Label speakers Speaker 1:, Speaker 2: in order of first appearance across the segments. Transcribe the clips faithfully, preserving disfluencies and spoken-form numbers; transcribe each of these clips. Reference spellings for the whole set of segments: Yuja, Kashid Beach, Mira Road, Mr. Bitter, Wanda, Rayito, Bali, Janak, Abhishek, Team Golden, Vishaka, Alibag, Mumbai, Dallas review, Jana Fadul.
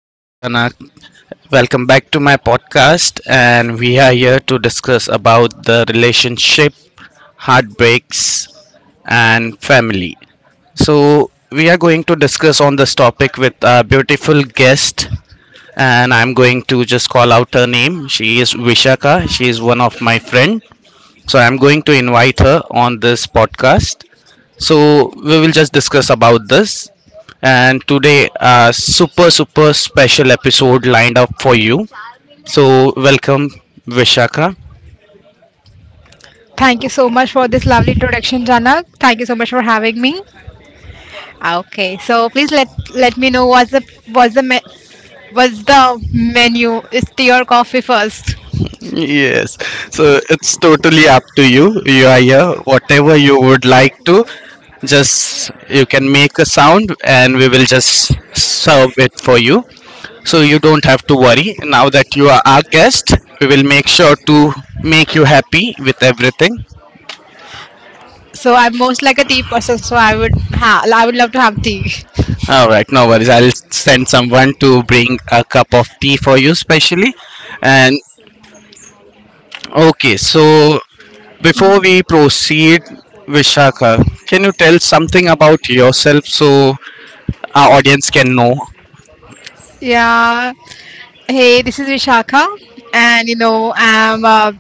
Speaker 1: this is Janak. Welcome back to my podcast and we are here to discuss about the relationship, heartbreaks and family. So, we are going to discuss on this topic with our beautiful guest and I'm going to just call out her name. She is Vishaka. She is one of my friend. So, I'm going to invite her on this podcast. So, we will just discuss about this and today a super super special episode lined up for you. So welcome Vishaka.
Speaker 2: Thank you so much for this lovely introduction, Janak. Thank you so much for having me. Okay, so please let let me know what's the what's the me- what's the menu? Is tea or coffee first?
Speaker 1: Yes, so it's totally up to you. You are here. Whatever you would like to, just you can make a sound and we will just serve it for you. So you don't have to worry. Now that you are our guest, we will make sure to make you happy with everything.
Speaker 2: So I'm most like a tea person, so I would ha- I would love to have tea.
Speaker 1: All right, no worries. I'll send someone to bring a cup of tea for you, specially. And okay, so before we proceed, Vishaka, can you tell something about yourself so our audience can know?
Speaker 2: Yeah. Hey, this is Vishakha, and you know I'm uh,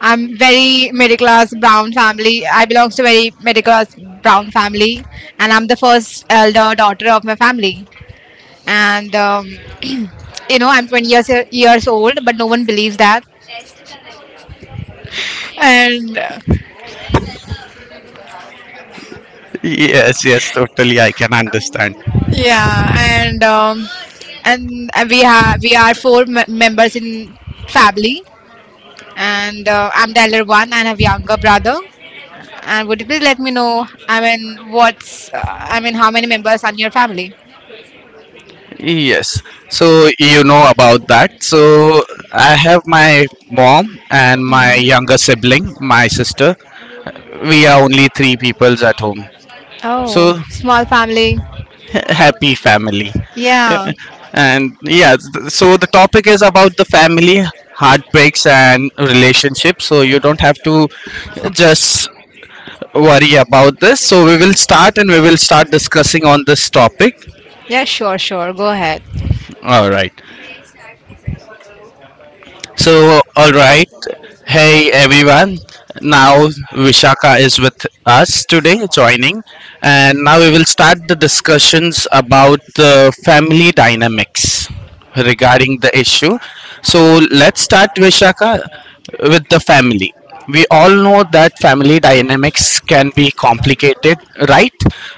Speaker 2: I'm very middle class brown family. I belong to very middle class brown family, and I'm the first elder daughter of my family. And um, You know I'm twenty years years old but no one believes that and uh,
Speaker 1: Yes, yes, totally. I can understand.
Speaker 2: yeah and um, and uh, we have we are four m- members in family, and uh, I'm the elder one and have younger brother. And would you please let me know, I mean what's uh, I mean how many members are in your family?
Speaker 1: Yes. So you know about that. So I have my mom and my
Speaker 2: Hmm.
Speaker 1: younger sibling, my sister. We are only three peoples at home.
Speaker 2: Oh,
Speaker 1: So
Speaker 2: small family.
Speaker 1: happy family.
Speaker 2: Yeah.
Speaker 1: And yeah, th- so the topic is about the family, heartbreaks, and relationships. So you don't have to just worry about this. So we will start and we will start discussing on this topic.
Speaker 2: Yeah, sure, sure, go ahead.
Speaker 1: All right. So, all right. Hey everyone. Now Vishaka is with us today joining and now we will start the discussions about the family dynamics regarding the issue. So, let's start Vishaka with the family. We all know that family dynamics can be complicated, right?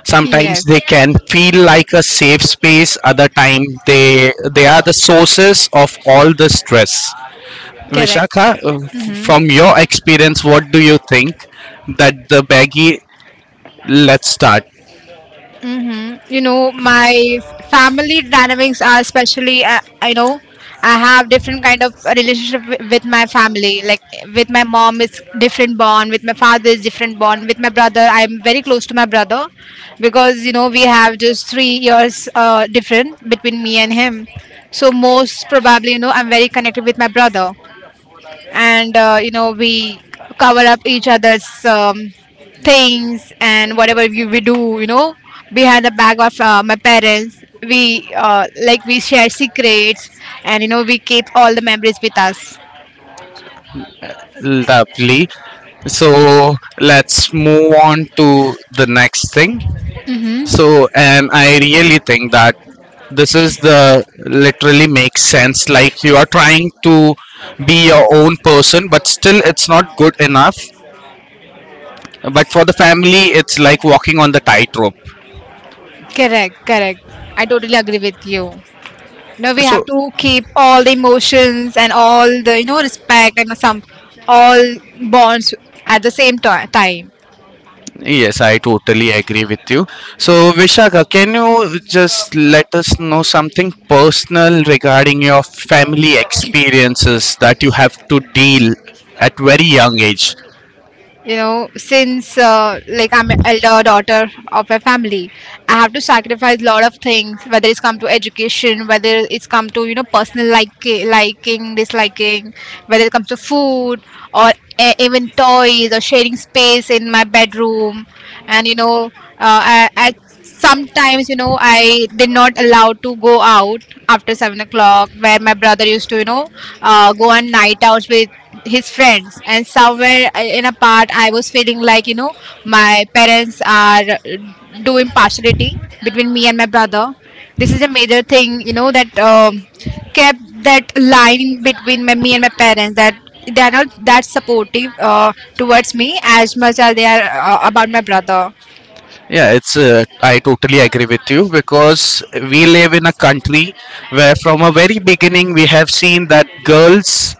Speaker 1: Sometimes
Speaker 2: Yes.
Speaker 1: they can feel like a safe space, other time they they are the sources of all the stress.
Speaker 2: Correct.
Speaker 1: Vishakha, uh, f-
Speaker 2: Mm-hmm.
Speaker 1: from your experience, what do you think that the baggy? Let's start.
Speaker 2: Hmm. You know, my f- family dynamics are especially. Uh, I know I have different kind of relationship wi- with my family. Like with my mom, it's different bond. With my father, it's different bond. With my brother, I'm very close to my brother because you know we have just three years uh, different between me and him. So most probably, you know, I'm very connected with my brother, and uh, you know we cover up each other's um, things, and whatever we, we do you know behind the back of uh, my parents, we uh, like we share secrets, and you know we keep all the memories with us.
Speaker 1: Lovely. So let's move on to the next thing.
Speaker 2: Mm-hmm.
Speaker 1: So, and I really think that this is the literally makes sense. Like you are trying to be your own person, but still it's not good enough. But for the family, it's like walking on the tightrope.
Speaker 2: Correct, correct. I totally agree with you. You know we have
Speaker 1: So
Speaker 2: to keep all the emotions and all the you know respect and some all bonds at the same ti- time.
Speaker 1: yes, I totally agree with you. So, Vishaka, can you just let us know something personal regarding your family experiences that you have to deal at very young age?
Speaker 2: You know since uh, like I'm an elder daughter of a family, I have to sacrifice a lot of things, whether it's come to education, whether it's come to you know personal like liking disliking, whether it comes to food or e- even toys or sharing space in my bedroom. And you know uh, I, I sometimes you know I did not allowed to go out after seven o'clock where my brother used to you know uh, go on night outs with his friends. And somewhere uh, in a part I was feeling like you know my parents are uh, do impartiality between me and my brother. This is a major thing you know that um, kept that line between my, me and my parents, that they are not that supportive uh, towards me as much as they are uh, about my brother.
Speaker 1: Yeah, it's uh, I totally agree with you because we live in a country where from a very beginning we have seen that girls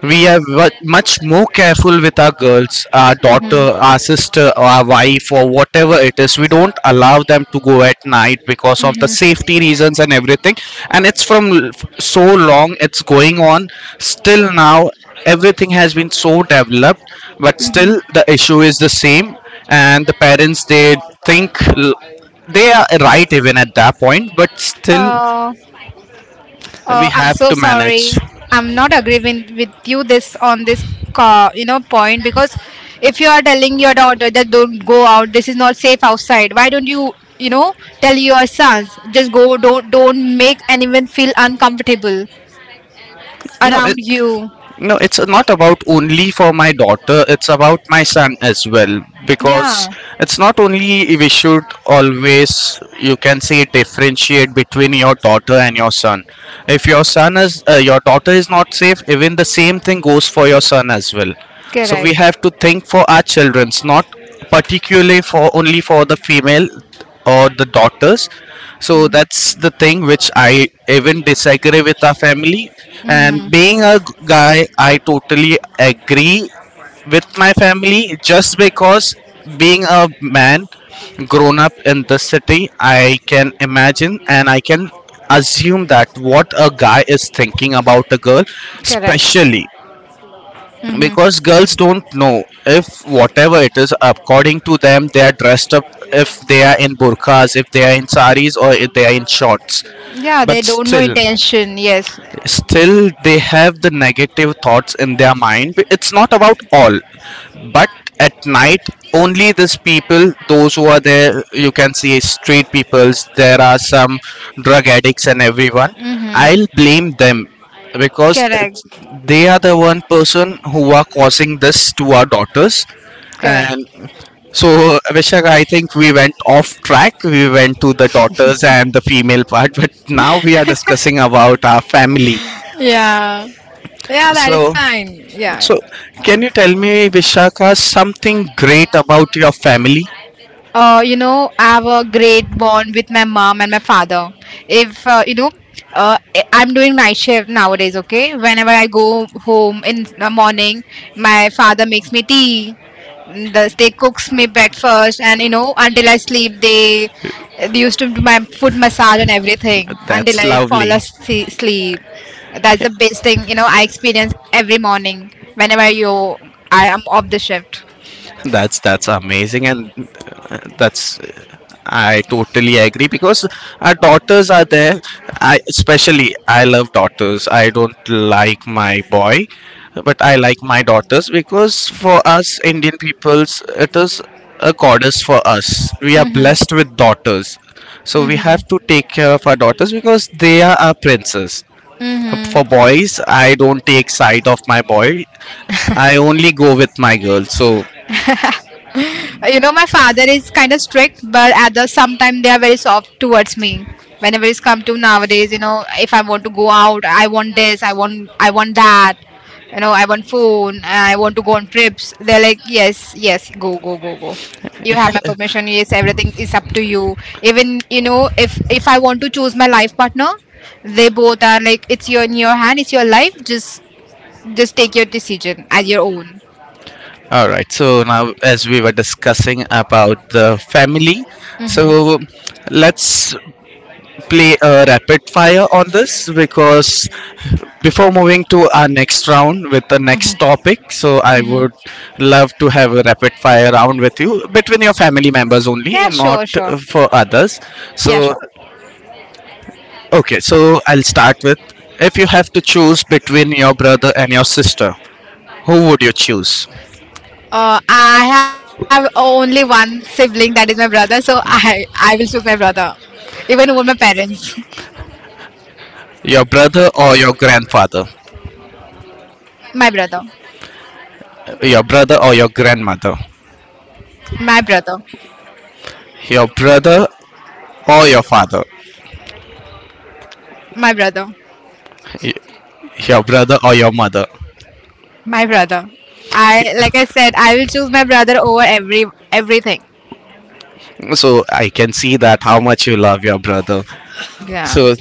Speaker 1: we are wa- much more careful with our girls, our
Speaker 2: Hmm.
Speaker 1: daughter, our sister, or our wife, or whatever it is. We don't allow them to go at night because of the safety reasons and everything. And it's from l- f- so long, it's going on. Still now, everything has been so developed, but still
Speaker 2: Hmm.
Speaker 1: the issue is the same. And the parents, they think l- they are right even at that point, but still
Speaker 2: Uh,
Speaker 1: we
Speaker 2: uh, I'm
Speaker 1: have
Speaker 2: so
Speaker 1: to manage.
Speaker 2: sorry. I'm not agreeing with you this on this ca you know point because if you are telling your daughter that don't go out, this is not safe outside. Why don't you you know tell your sons, just go, don't don't make anyone feel uncomfortable
Speaker 1: No,
Speaker 2: around you.
Speaker 1: no, it's not about only for my daughter, it's about my son as well. Because
Speaker 2: Yeah,
Speaker 1: it's not only we should always, you can say, differentiate between your daughter and your son. If your son is, uh, your daughter is not safe, even the same thing goes for your son as well. So we
Speaker 2: correct.
Speaker 1: have to think for our childrens, not particularly for only for the female or the daughters, so that's the thing which I even disagree with our family. And
Speaker 2: Mm-hmm.
Speaker 1: being a g- guy, I totally agree with my family just because being a man grown up in the city, I can imagine and I can assume that what a guy is thinking about a girl,
Speaker 2: Correct.
Speaker 1: especially
Speaker 2: Mm-hmm.
Speaker 1: because girls don't know if whatever it is according to them they are dressed up, if they are in burqas, if they are in saris, or if they are in shorts,
Speaker 2: Yeah, they
Speaker 1: but
Speaker 2: don't know
Speaker 1: still,
Speaker 2: intention. Yes.
Speaker 1: still they have the negative thoughts in their mind. It's not about all, but at night only these people those who are there, you can see street peoples, there are some drug addicts and everyone. I'll
Speaker 2: Mm-hmm.
Speaker 1: blame them because
Speaker 2: Correct.
Speaker 1: it's, they are the one person who are causing this to our daughters.
Speaker 2: Correct.
Speaker 1: And so, Abhishek, I think we went off track. We went to the daughters and the female part, but now we are discussing about our family.
Speaker 2: Yeah. Yeah, that is
Speaker 1: So,
Speaker 2: fine. Yeah.
Speaker 1: so can you tell me, Vishaka, something great about your family?
Speaker 2: Uh, you know, I have a great bond with my mom and my father. If uh, you know, uh, I- I'm doing night shift nowadays. Okay, whenever I go home in the morning, my father makes me tea. The, they cooks me breakfast, and you know, until I sleep, they, they used to do my foot massage and everything until
Speaker 1: That's
Speaker 2: I fall
Speaker 1: lovely.
Speaker 2: asleep. Sleep. That's the best thing you know I experience every morning whenever you I am off the shift.
Speaker 1: That's that's amazing, and uh, that's I totally agree because our daughters are there. I especially I love daughters. I don't like my boy, but I like my daughters because for us Indian peoples, it is a goddess for us. We are blessed
Speaker 2: Mm-hmm.
Speaker 1: with daughters, so we have to
Speaker 2: Mm-hmm.
Speaker 1: take care of our daughters because they are our princes. For
Speaker 2: Mm-hmm.
Speaker 1: boys, I don't take side of my boy. I only go with my girl. So
Speaker 2: Uh, You know, my father is kind of strict, but at the sometimes they are very soft towards me. Whenever it's come to nowadays, you know, if I want to go out, I want this, I want, I want that. You know, I want phone, I want to go on trips. They're like, yes, yes, go, go, go, go. You have my permission. Yes, everything is up to you. Even you know, if if I want to choose my life partner, they both are like, it's your in your hand, it's your life. Just just take your decision as your own.
Speaker 1: all right. So now, as we were discussing about the family,
Speaker 2: Mhm.
Speaker 1: so let's play a rapid fire on this because before moving to our next round with the next topic, so I
Speaker 2: Mhm.
Speaker 1: would love to have a rapid fire round with you between your family members only
Speaker 2: Yeah,
Speaker 1: and not
Speaker 2: sure, sure.
Speaker 1: uh, for others.
Speaker 2: Yeah,
Speaker 1: So,
Speaker 2: sure.
Speaker 1: okay. So I'll start with if you have to choose between your brother and your sister, who would you choose?
Speaker 2: Uh, I have only one sibling that is my brother, so I I will choose my brother, even over my parents.
Speaker 1: Your brother or your grandfather?
Speaker 2: My brother,
Speaker 1: Your brother or your grandmother,
Speaker 2: my brother,
Speaker 1: your brother or your father,
Speaker 2: my brother,
Speaker 1: y- your brother or your mother.
Speaker 2: my brother. I like I said, I will choose my brother over every everything.
Speaker 1: So I can see that how much you love your brother.
Speaker 2: Yeah,
Speaker 1: So,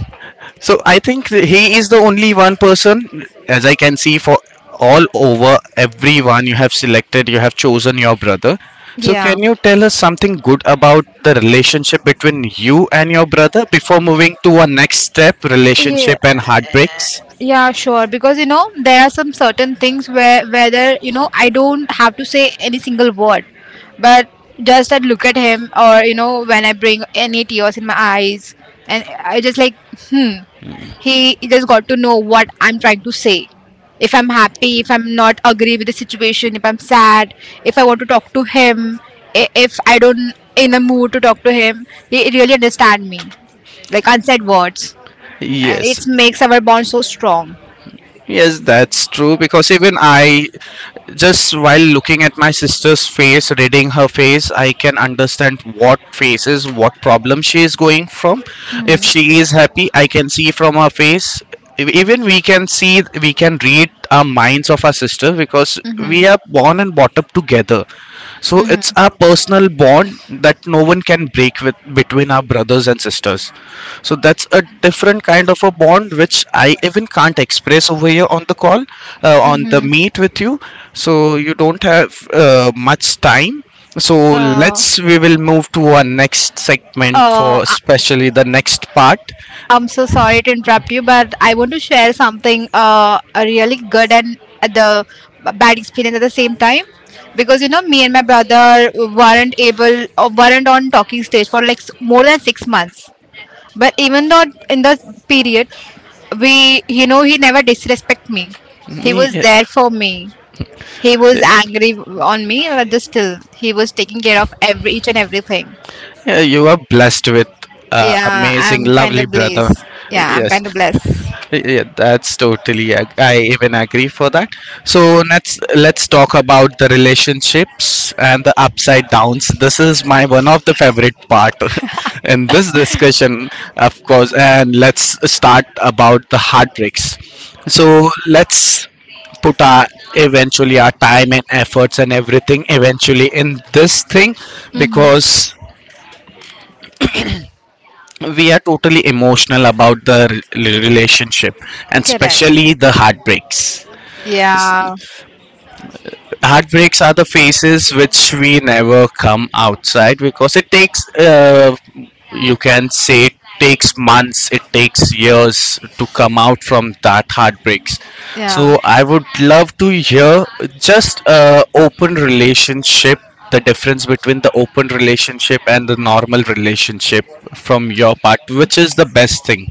Speaker 1: so I think that he is the only one person, as I can see, for all over everyone you have selected, you have chosen your brother. So
Speaker 2: yeah,
Speaker 1: can you tell us something good about the relationship between you and your brother before moving to our next step,
Speaker 2: yeah.
Speaker 1: relationship and heartbreaks?
Speaker 2: Yeah, sure. Because you know, there are some certain things where whether you know I don't have to say any single word, but just I look at him, or you know, when I bring any tears in my eyes, and I just like, hmm, he just got to know what I'm trying to say. If I'm happy, if I'm not agree with the situation, if I'm sad, if I want to talk to him, i- if I don't in a mood to talk to him, he really understand me, like unsaid words, and it
Speaker 1: Yes,
Speaker 2: makes our bond so strong.
Speaker 1: yes, that's true because even I just while looking at my sister's face, reading her face, I can understand what face is, what problem she is going from. If she is happy, I can see from her face. Ev- Even we can see, we can read our minds of our sister because
Speaker 2: Mm-hmm.
Speaker 1: we are born and brought up together. So it's a
Speaker 2: Mm-hmm.
Speaker 1: personal bond that no one can break with between our brothers and sisters. So that's a different kind of a bond which I even can't express over here on the call, uh, on the
Speaker 2: Mm-hmm.
Speaker 1: meet with you. So you don't have uh, much time. So
Speaker 2: Uh,
Speaker 1: let's we will move to our next segment
Speaker 2: uh,
Speaker 1: for
Speaker 2: I-
Speaker 1: especially the next part.
Speaker 2: I'm so sorry to interrupt you, but I want to share something uh, a really good and the bad experience at the same time because you know me and my brother weren't able or weren't on talking stage for like s- more than six months. But even though in the period, we you know he never disrespect me. He was there for me. He was angry on me, but still he was taking care of every each and everything.
Speaker 1: Yeah, you are blessed with uh,
Speaker 2: Yeah,
Speaker 1: amazing,
Speaker 2: I'm kind
Speaker 1: lovely
Speaker 2: of
Speaker 1: brother.
Speaker 2: blessed. Yeah, I'm
Speaker 1: Yes,
Speaker 2: kind of blessed.
Speaker 1: yeah, that's totally. ag- I even agree for that. So let's let's talk about the relationships and the upside downs. This is my one of the favorite part in this discussion, of course. And let's start about the heartbreaks. So let's put our eventually our time and efforts and everything eventually in this thing
Speaker 2: Mm-hmm.
Speaker 1: because we are totally emotional about the re- relationship and
Speaker 2: Correct.
Speaker 1: especially the heartbreaks.
Speaker 2: Yeah,
Speaker 1: Heartbreaks are the phases which we never come outside because it takes uh, you can say it takes months, it takes years to come out from that heartbreaks.
Speaker 2: yeah.
Speaker 1: So I would love to hear just uh, open relationship, the difference between the open relationship and the normal relationship from your part, which is the best thing.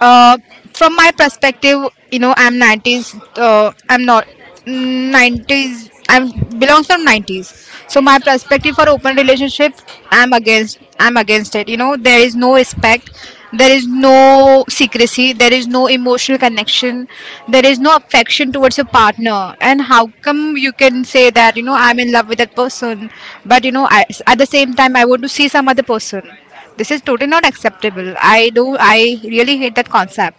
Speaker 2: Uh, from my perspective, you know, I'm nineties. Uh, I'm not mm, nineties. I'm belongs from nineties. So my perspective for open relationship, I'm against. I'm against it. You know, there is no respect. There is no secrecy. There is no emotional connection. There is no affection towards your partner. And how come you can say that you know I'm in love with that person, but you know I, at the same time I want to see some other person. This is totally not acceptable. I do. I really hate that concept.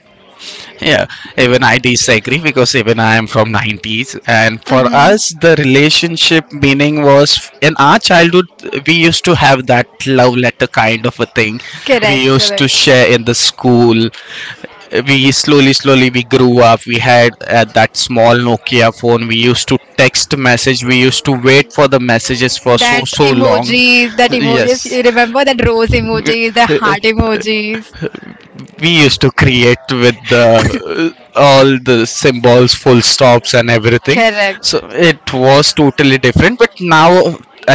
Speaker 1: Yeah, even I disagree because even I am from nineties and for
Speaker 2: Mm-hmm.
Speaker 1: us the relationship meaning was in our childhood we used to have that love letter kind of a thing. We
Speaker 2: Correct,
Speaker 1: used to
Speaker 2: correct.
Speaker 1: share in the school. We slowly slowly we grew up. We had uh, that small Nokia phone. We used to text message. We used to wait for the messages for so
Speaker 2: That
Speaker 1: so long.
Speaker 2: emojis, that emojis. You
Speaker 1: Yes.
Speaker 2: remember that rose emojis, the heart emojis.
Speaker 1: We used to create with the all the symbols, full stops and everything.
Speaker 2: Correct.
Speaker 1: So it was totally different, but now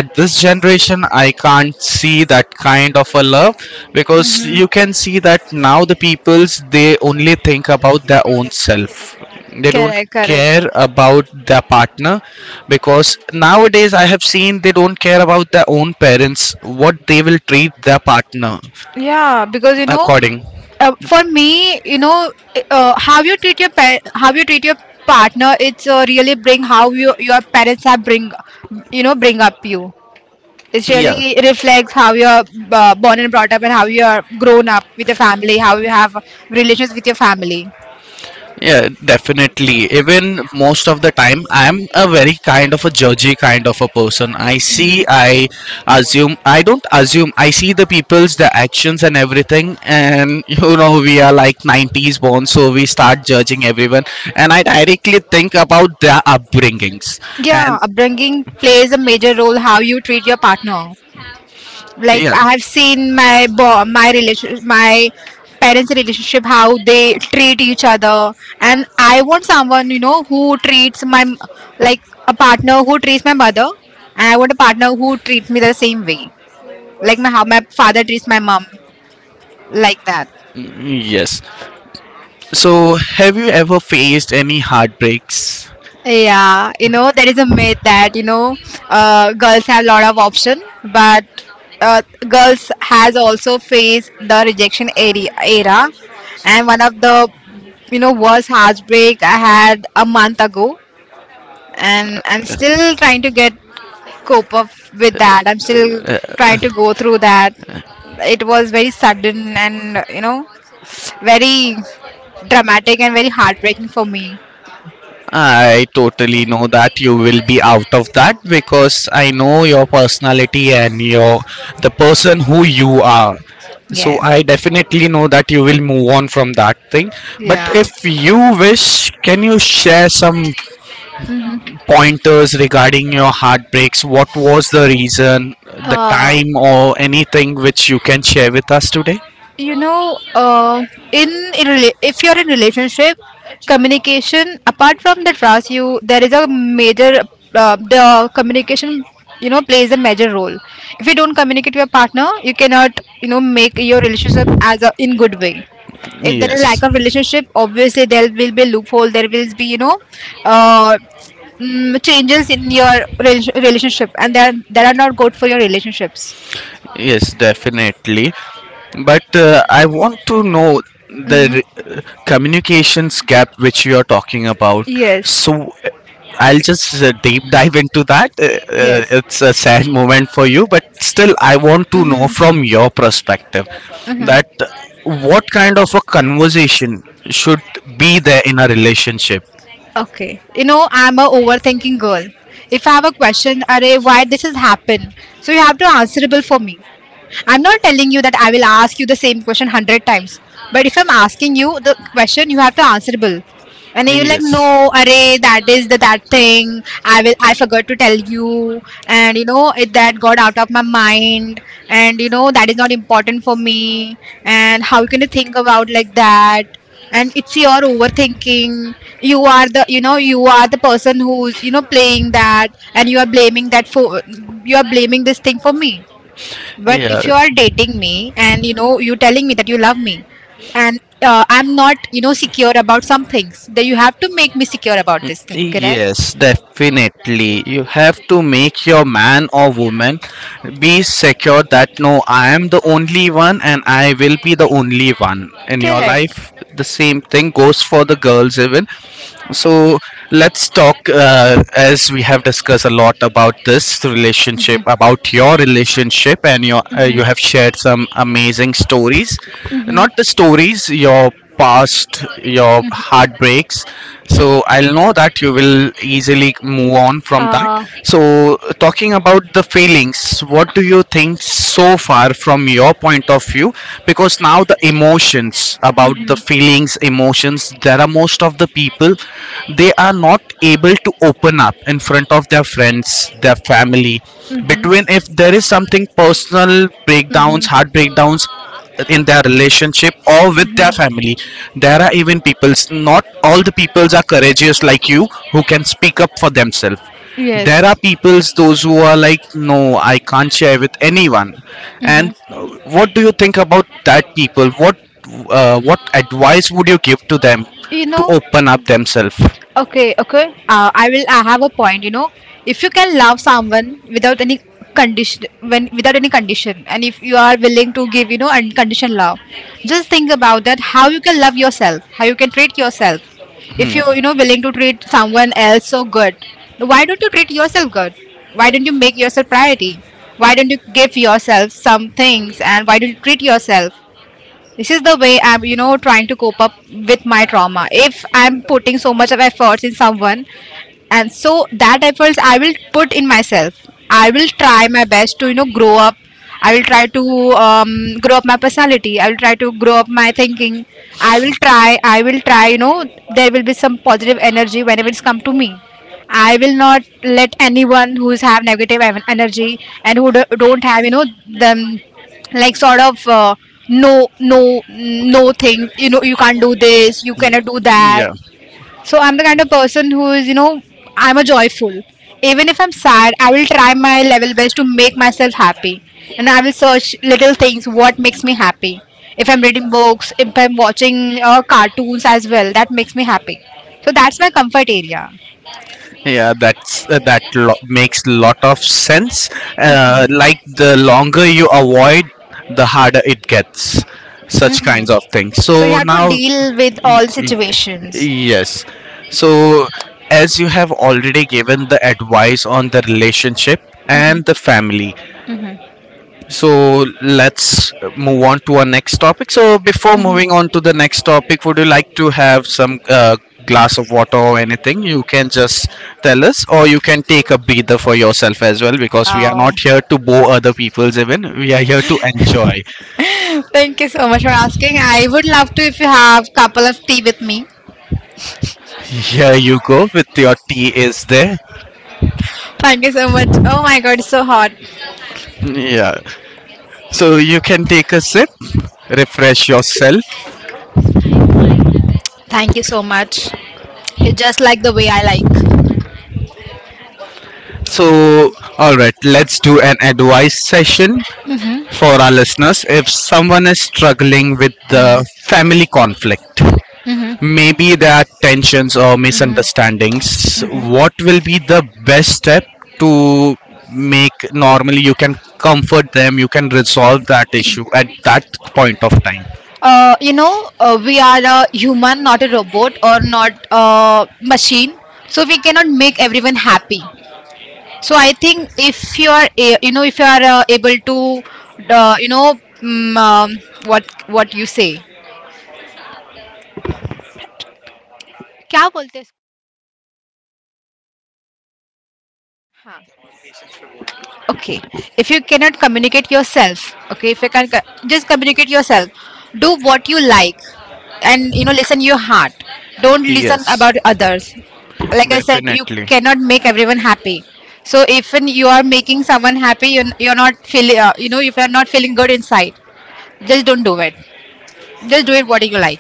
Speaker 1: at this generation I can't see that kind of a love because
Speaker 2: Mm-hmm.
Speaker 1: you can see that now the peoples they only think about their own self. They don't
Speaker 2: Correct, correct.
Speaker 1: care about their partner because nowadays I have seen they don't care about their own parents, what they will treat their partner
Speaker 2: Yeah, because you know,
Speaker 1: according.
Speaker 2: uh, for me, you know, uh, how you treat your pa- how you treat your partner, it's uh, really bring how you your parents have bring, you know, bring up you. It
Speaker 1: Yeah.
Speaker 2: really reflects how you're uh, born and brought up and how you're grown up with your family, how you have relations with your family.
Speaker 1: Yeah, definitely. Even most of the time, I'm a very kind of a judgy kind of a person. I see, I assume, I don't assume, I see the people's, the actions and everything. And, you know, we are like nineties born, so we start judging everyone. And I directly think about their upbringings.
Speaker 2: Yeah,
Speaker 1: And
Speaker 2: upbringing plays a major role how you treat your partner. Like I have seen my bo- my relation my parents' relationship how they treat each other, and I want someone you know who treats my m- like a partner who treats my mother, and I want a partner who treats me the same way, like my how my father treats my mom, like that.
Speaker 1: mm, yes. So, have you ever faced any heartbreaks?
Speaker 2: Yeah, you know, there is a myth that, you know, uh, girls have a lot of option, but uh, girls has also faced the rejection area, era. And one of the, you know, worst heartbreak I had a month ago. And I'm still trying to get cope up with that. I'm still trying to go through that. It was very sudden and, you know, very dramatic and very heartbreaking for me.
Speaker 1: I totally know that you will be out of that because I know your personality and your the person who you are. So
Speaker 2: Yes.
Speaker 1: I definitely know that you will move on from that thing. But if
Speaker 2: Yeah.
Speaker 1: you wish, can you share some pointers regarding your heartbreaks? What was the reason, the
Speaker 2: uh,
Speaker 1: time, or anything which you can share with us today?
Speaker 2: you know uh, in, in rela- if you're in relationship, communication apart from the trust, you there is a major uh, the communication you know plays a major role. If you don't communicate with your partner you cannot you know make your relationship as a in good way. If there is lack
Speaker 1: Yes.
Speaker 2: of relationship obviously there will be loophole, there will be you know uh, mm, changes in your rel- relationship, and that that are not good for your relationships.
Speaker 1: Yes, definitely. But uh, I want to know the
Speaker 2: Hmm.
Speaker 1: r- communications gap which you are talking about.
Speaker 2: Yes.
Speaker 1: So uh, I'll just uh, deep dive into that. Uh,
Speaker 2: Yes.
Speaker 1: uh, it's a sad moment for you, but still, I want to know
Speaker 2: Mm-hmm.
Speaker 1: from your perspective that
Speaker 2: Mm-hmm.
Speaker 1: what kind of a conversation should be there in a relationship.
Speaker 2: Okay. You know, I'm a overthinking girl. If I have a question, array, why this has happened? So you have to answerable for me. I'm not telling you that I will ask you the same question hundred times. But if I'm asking you the question, you have to answerable. And you're like,
Speaker 1: Yes.
Speaker 2: no, array, that is the that thing. I will, I forgot to tell you, and you know it that got out of my mind, and you know that is not important for me. And how can you think about like that? And it's your overthinking. You are the, you know, you are the person who's, you know, playing that, and you are blaming that for, you are blaming this thing for me. But if
Speaker 1: Yeah.
Speaker 2: you are dating me and you know you telling me that you love me and uh, I'm not you know secure about some things, then you have to make me secure about this thing, correct?
Speaker 1: Yes, definitely. You have to make your man or woman be secure that no, I am the only one and I will be the only one in your
Speaker 2: Correct.
Speaker 1: life. The same thing goes for the girls, even. So let's talk, uh, as we have discussed a lot about this relationship,
Speaker 2: Mhm.
Speaker 1: about your relationship, and your uh, you
Speaker 2: Mhm.
Speaker 1: have shared some amazing stories.
Speaker 2: Mhm.
Speaker 1: Not the stories, your past, your heartbreaks. So I'll know that you will easily move on from that.
Speaker 2: Uh,
Speaker 1: So talking about the feelings, what do you think so far from your point of view, because now the emotions, about the
Speaker 2: mhm.
Speaker 1: feelings, emotions, there are most of the people, they are not able to open up in front of their friends, their family,
Speaker 2: Mhm.
Speaker 1: between, if there is something personal, breakdowns,
Speaker 2: Mhm.
Speaker 1: heart breakdowns in their relationship or with their
Speaker 2: Mhm.
Speaker 1: family, there are even peoples, not all the peoples are courageous like you who can speak up for themselves.
Speaker 2: Yes.
Speaker 1: There are peoples those who are like, no, I can't share with anyone. And
Speaker 2: Mhm.
Speaker 1: uh, what do you think about that people, what uh, what advice would you give to them
Speaker 2: You
Speaker 1: to
Speaker 2: know,
Speaker 1: open up themselves?
Speaker 2: Okay, okay. Uh, I will. I have a point. You know, If you can love someone without any condition, when without any condition, and if you are willing to give, you know, unconditional love, just think about that. How you can love yourself, how you can treat yourself. If you, you know, willing to treat someone else so good, why don't you treat yourself good? Why don't you make yourself priority? Why don't you give yourself some things, and why don't you treat yourself? This is the way I'm you know trying to cope up with my trauma. If I'm putting so much of efforts in someone, and so that efforts I will put in myself. I will try my best to you know grow up. I will try to um, grow up my personality. I will try to grow up my thinking. I will try i will try you know there will be some positive energy whenever it's come to me. I will not let anyone who's have negative en- energy and who do- don't have you know them, like sort of uh, no, no, no thing. You know you can't do this, you cannot do that.
Speaker 1: Yeah,
Speaker 2: So I'm the kind of person who is, you know, I'm a joyful. Even if I'm sad, I will try my level best to make myself happy. And I will search little things what makes me happy. If I'm reading books, if I'm watching uh, cartoons as well, that makes me happy. So that's my comfort area.
Speaker 1: yeah, that's uh, that lo- makes lot of sense. Uh, like the longer you avoid, the harder it gets, such
Speaker 2: Hmm.
Speaker 1: kinds of things.
Speaker 2: So you
Speaker 1: So
Speaker 2: have to
Speaker 1: now,
Speaker 2: deal with
Speaker 1: Y-
Speaker 2: all
Speaker 1: y-
Speaker 2: situations.
Speaker 1: yes. So as you have already given the advice on the relationship
Speaker 2: Hmm.
Speaker 1: and the family,
Speaker 2: Hmm.
Speaker 1: so let's move on to our next topic. So before moving
Speaker 2: Hmm.
Speaker 1: on to the next topic, would you like to have some uh, glass of water or anything? You can just tell us, or you can take a breather for yourself as well, because we are
Speaker 2: Oh,
Speaker 1: not here to bore other people's, even we are here to enjoy.
Speaker 2: thank you so much for asking. I would love to if you have couple of tea with me.
Speaker 1: Here you go with your tea, is there.
Speaker 2: Thank you so much. Oh my god, it's so hot.
Speaker 1: Yeah. So you can take a sip, refresh yourself.
Speaker 2: Thank you so much. It's just like the way I like.
Speaker 1: So, all right, let's do an advice session
Speaker 2: Mhm.
Speaker 1: for our listeners. If someone is struggling with
Speaker 2: Mm.
Speaker 1: the family conflict,
Speaker 2: Mhm.
Speaker 1: maybe there are tensions or
Speaker 2: Mhm.
Speaker 1: misunderstandings,
Speaker 2: Mhm.
Speaker 1: what will be the best step to make normally? You can comfort them, you can resolve that issue at that point of time?
Speaker 2: Uh, you know, uh, we are a human, not a robot or not a machine. So we cannot make everyone happy. So I think if you are, a- you know, if you are uh, able to, uh, you know, mm, um, what what you say? क्या बोलते हैं इसको? हाँ. Okay. If you cannot communicate yourself, okay, if you can co- just communicate yourself, do what you like. And you know listen your heart, don't listen
Speaker 1: Yes,
Speaker 2: about others. Like I said, you
Speaker 1: definitely.
Speaker 2: cannot make everyone happy. So if when you are making someone happy, you're, you're not feeling, uh, you know if you're not feeling good inside, just don't do it. Just do it what you like.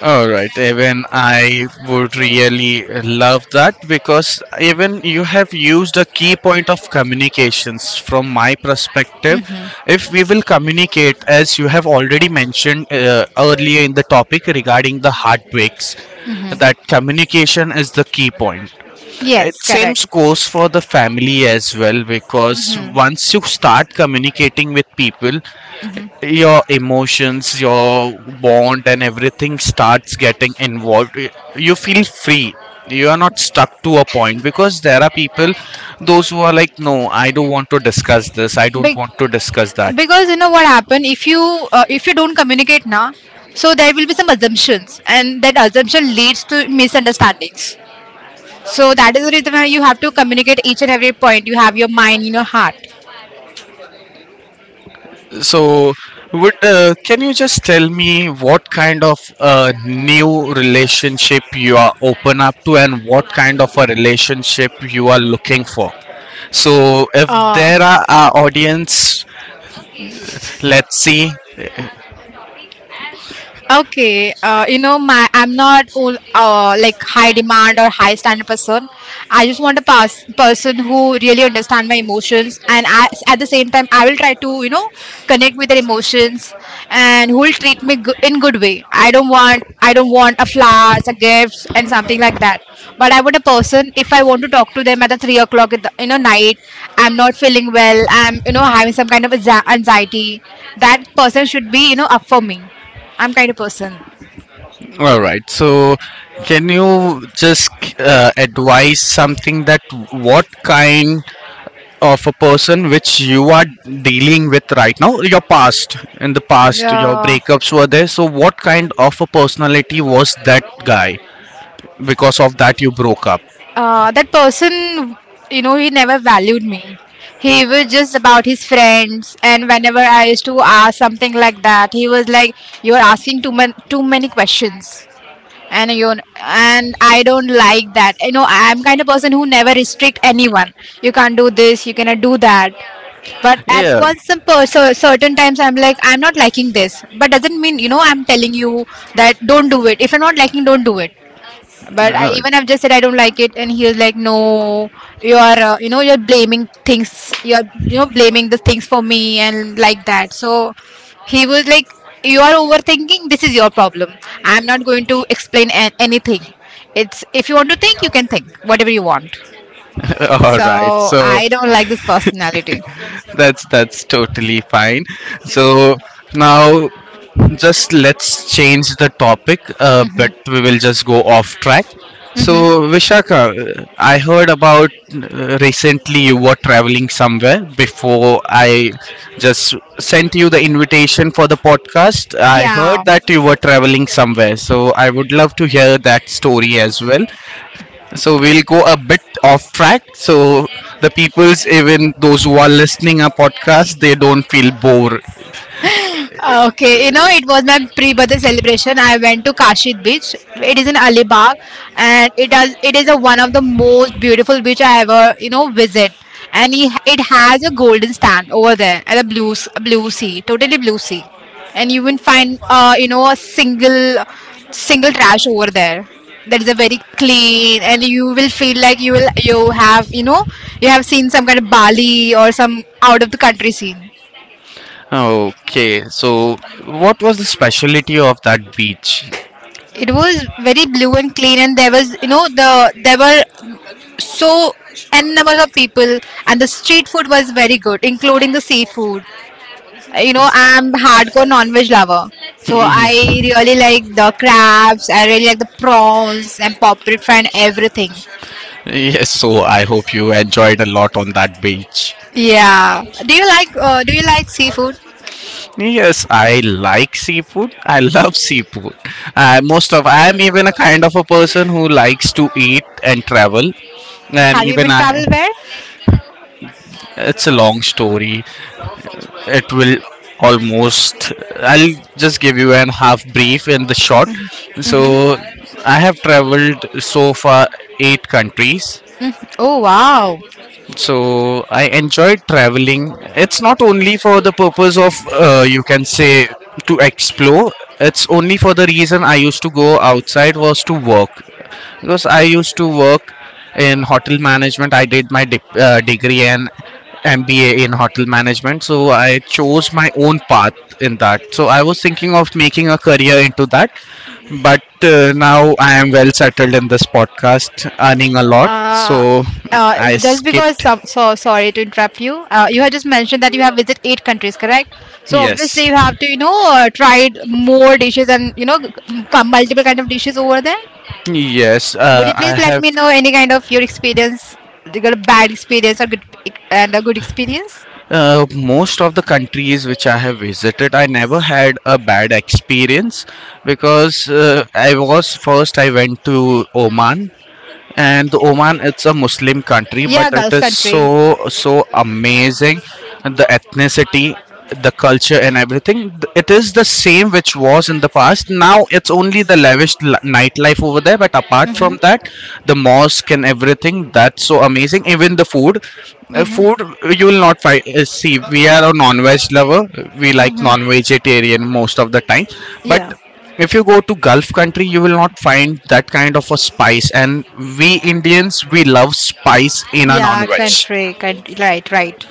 Speaker 1: All right, even I would really love that, because even you have used a key point of communications from my perspective.
Speaker 2: Mm-hmm.
Speaker 1: If we will communicate, as you have already mentioned uh, earlier in the topic regarding the heartbreaks,
Speaker 2: Mm-hmm.
Speaker 1: that communication is the key point. It
Speaker 2: Yes, correct.
Speaker 1: seems goes for the family as well, because once you start communicating with people,
Speaker 2: Mm-hmm.
Speaker 1: your emotions, your bond and everything starts getting involved. Y- you feel free, you are not stuck to a point, because there are people those who are like, no, I don't want to discuss this, I don't want to discuss that.
Speaker 2: Because you know what happened if you uh, if you don't communicate now, so there will be some assumptions, and that assumption leads to misunderstandings. So that is the reason why you have to communicate each and every point you have your mind in your heart.
Speaker 1: So would uh, can you just tell me what kind of uh, new relationship you are open up to, and what kind of a relationship you are looking for, so if
Speaker 2: Ah.
Speaker 1: there are our audience, let's see.
Speaker 2: Okay, uh, you know, my I'm not all, uh, like high demand or high standard person. I just want a pers- person who really understand my emotions, and I, at the same time, I will try to you know connect with their emotions, and who will treat me go- in good way. I don't want I don't want a flowers, a gifts, and something like that. But I want a person if I want to talk to them at the three o'clock in the you know night. I'm not feeling well. I'm you know having some kind of anxi- anxiety. That person should be you know up for me. I'm kind of person.
Speaker 1: All right, so can you just uh, advise something that what kind of a person which you are dealing with right now, your past, in the past your
Speaker 2: Uh,
Speaker 1: breakups were there, so what kind of a personality was that guy, because of that you broke up?
Speaker 2: uh, that person, you know, he never valued me. He was just about his friends, and whenever I used to ask something like that, he was like, "You're asking too many too many questions," and you and I don't like that. You know, I'm kind of person who never restrict anyone. You can't do this, you cannot do that. But at
Speaker 1: Yeah.
Speaker 2: once, some per- so certain times, I'm like, I'm not liking this. But doesn't mean, you know, I'm telling you that don't do it. If you're not liking, don't do it. But I
Speaker 1: No.
Speaker 2: even have just said I don't like it, and he was like, "No, you are uh, you know you're blaming things. You're you know blaming the things for me and like that." So he was like, "You are overthinking. This is your problem. I'm not going to explain an- anything. It's if you want to think, you can think whatever you want."
Speaker 1: All right.
Speaker 2: So
Speaker 1: So
Speaker 2: I don't like this personality.
Speaker 1: that's that's totally fine. So now, just let's change the topic, uh, but we will just go off track. So
Speaker 2: Hmm.
Speaker 1: Vishaka, uh, I heard about uh, recently you were traveling somewhere before I just sent you the invitation for the podcast. I heard
Speaker 2: Yeah.
Speaker 1: that you were traveling somewhere, so I would love to hear that story as well. So we'll go a bit off track. So the peoples, even those who are listening our podcast, they don't feel bored.
Speaker 2: Uh, Okay, you know, it was my pre-birthday celebration. I went to Kashid Beach. It is in Alibag, and it does. It is a, one of the most beautiful beach I ever, you know, visit. And he, it has a golden sand over there and a blue, s- blue sea, totally blue sea. And you will find, uh, you know, a single, single trash over there. That is a very clean, and you will feel like you will, you have, you know, you have seen some kind of Bali or some out of the country scene.
Speaker 1: Okay. So what was the specialty of that beach?
Speaker 2: It was very blue and clean, and there was you know the there were so n number of people. And the street food was very good, including the seafood. you know I'm hardcore non-veg lover, so I
Speaker 1: Yeah.
Speaker 2: really like the crabs, I really like the prawns and popper fry and everything.
Speaker 1: Yes, so I hope you enjoyed a lot on that beach.
Speaker 2: Yeah, do you like uh, do you like seafood?
Speaker 1: Yes, I like seafood. I love seafood. I most of, I am even a kind of a person who likes to eat and travel. And
Speaker 2: Have you
Speaker 1: even
Speaker 2: been
Speaker 1: I,
Speaker 2: travel where?
Speaker 1: it's a long story. It will almost, I'll just give you an half brief in the short.
Speaker 2: Mm-hmm.
Speaker 1: So I have traveled so far eight countries.
Speaker 2: Oh, wow.
Speaker 1: So I enjoy traveling. It's not only for the purpose of, uh, you can say, to explore. It's only for the reason I used to go outside was to work, because I used to work in hotel management. I did my dip, uh, degree and M B A in hotel management, so I chose my own path in that. So I was thinking of making a career into that, but uh, now I am well settled in this podcast, earning a lot.
Speaker 2: Uh,
Speaker 1: So I
Speaker 2: uh, just because
Speaker 1: skipped.
Speaker 2: some so sorry to interrupt you. Uh, you had just mentioned that you have visited eight countries, correct? So
Speaker 1: Yes,
Speaker 2: obviously you have to you know uh, tried more dishes, and you know c- multiple kind of dishes over there.
Speaker 1: yes.
Speaker 2: Would
Speaker 1: Uh,
Speaker 2: you
Speaker 1: I
Speaker 2: please let
Speaker 1: have
Speaker 2: me know any kind of your experience? You got a bad experience or good and a good experience?
Speaker 1: uh, most of the countries which I have visited, I never had a bad experience, because uh, I was first. I went to Oman, and Oman, it's a Muslim country, but
Speaker 2: Yeah,
Speaker 1: it
Speaker 2: Gulf
Speaker 1: is
Speaker 2: country.
Speaker 1: so so amazing. The ethnicity, the culture and everything, it is the same which was in the past. Now it's only the lavish li- nightlife over there, but apart from
Speaker 2: Mhm.
Speaker 1: that, the mosque and everything, that's so amazing. Even the food, uh,
Speaker 2: Mhm.
Speaker 1: food, you will not find, uh, see, we are a non-veg lover, we like
Speaker 2: Mhm.
Speaker 1: non-vegetarian most of the time, but
Speaker 2: Yeah.
Speaker 1: if you go to gulf country, you will not find that kind of a spice, and we Indians, we love spice in a
Speaker 2: Yeah,
Speaker 1: non-veg.
Speaker 2: country. Country. Right. Right.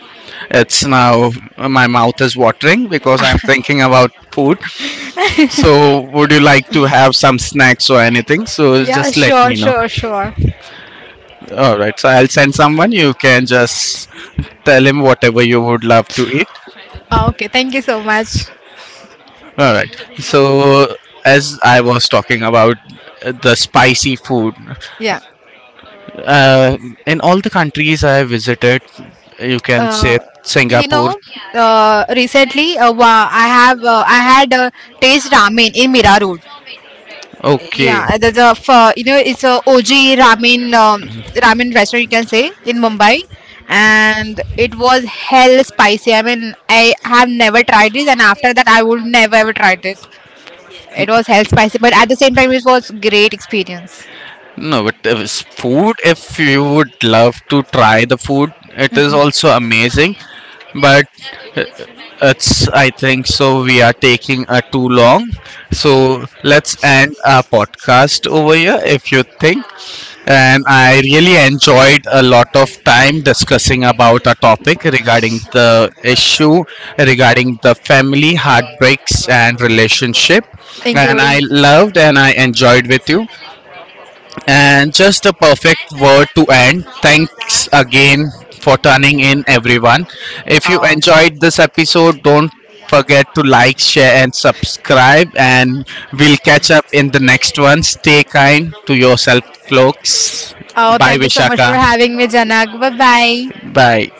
Speaker 1: It's now my mouth is watering because I'm thinking about food. So would you like to have some snacks or anything? So
Speaker 2: Yeah.
Speaker 1: just let
Speaker 2: Sure.
Speaker 1: me know.
Speaker 2: Sure. Sure.
Speaker 1: All right, so I'll send someone, you can just tell him whatever you would love to eat.
Speaker 2: Ah, okay. Thank you so much.
Speaker 1: All right, so as I was talking about uh, the spicy food,
Speaker 2: Yeah.
Speaker 1: Uh, in all the countries I have visited, you can say
Speaker 2: uh, you
Speaker 1: Singapore.
Speaker 2: know, uh, recently uh, wa- I have uh, I had uh, taste ramen in Mira Road.
Speaker 1: Okay,
Speaker 2: Yeah, the a f- uh, you know it's a O G ramen um, ramen restaurant you can say in Mumbai, and it was hell spicy. I mean, I have never tried this, and after that, I would never ever try this. It was hell spicy, but at the same time, it was great experience,
Speaker 1: no, but if it's food, if you would love to try the food, it is also amazing. But it's, I think so, we are taking uh, too long. So let's end our podcast over here if you think. And I really enjoyed a lot of time discussing about a topic regarding the issue, regarding the family, heartbreaks and relationship, and
Speaker 2: including.
Speaker 1: I loved and I enjoyed with you, and just a perfect word to end. Thanks again for turning in, everyone. If you
Speaker 2: Oh,
Speaker 1: enjoyed this episode, don't forget to like, share, and subscribe. And we'll catch up in the next one. Stay kind to yourself, folks.
Speaker 2: oh,
Speaker 1: Bye,
Speaker 2: thank you so much for
Speaker 1: Vishaka.
Speaker 2: having me, Janak. Bye bye.
Speaker 1: Bye.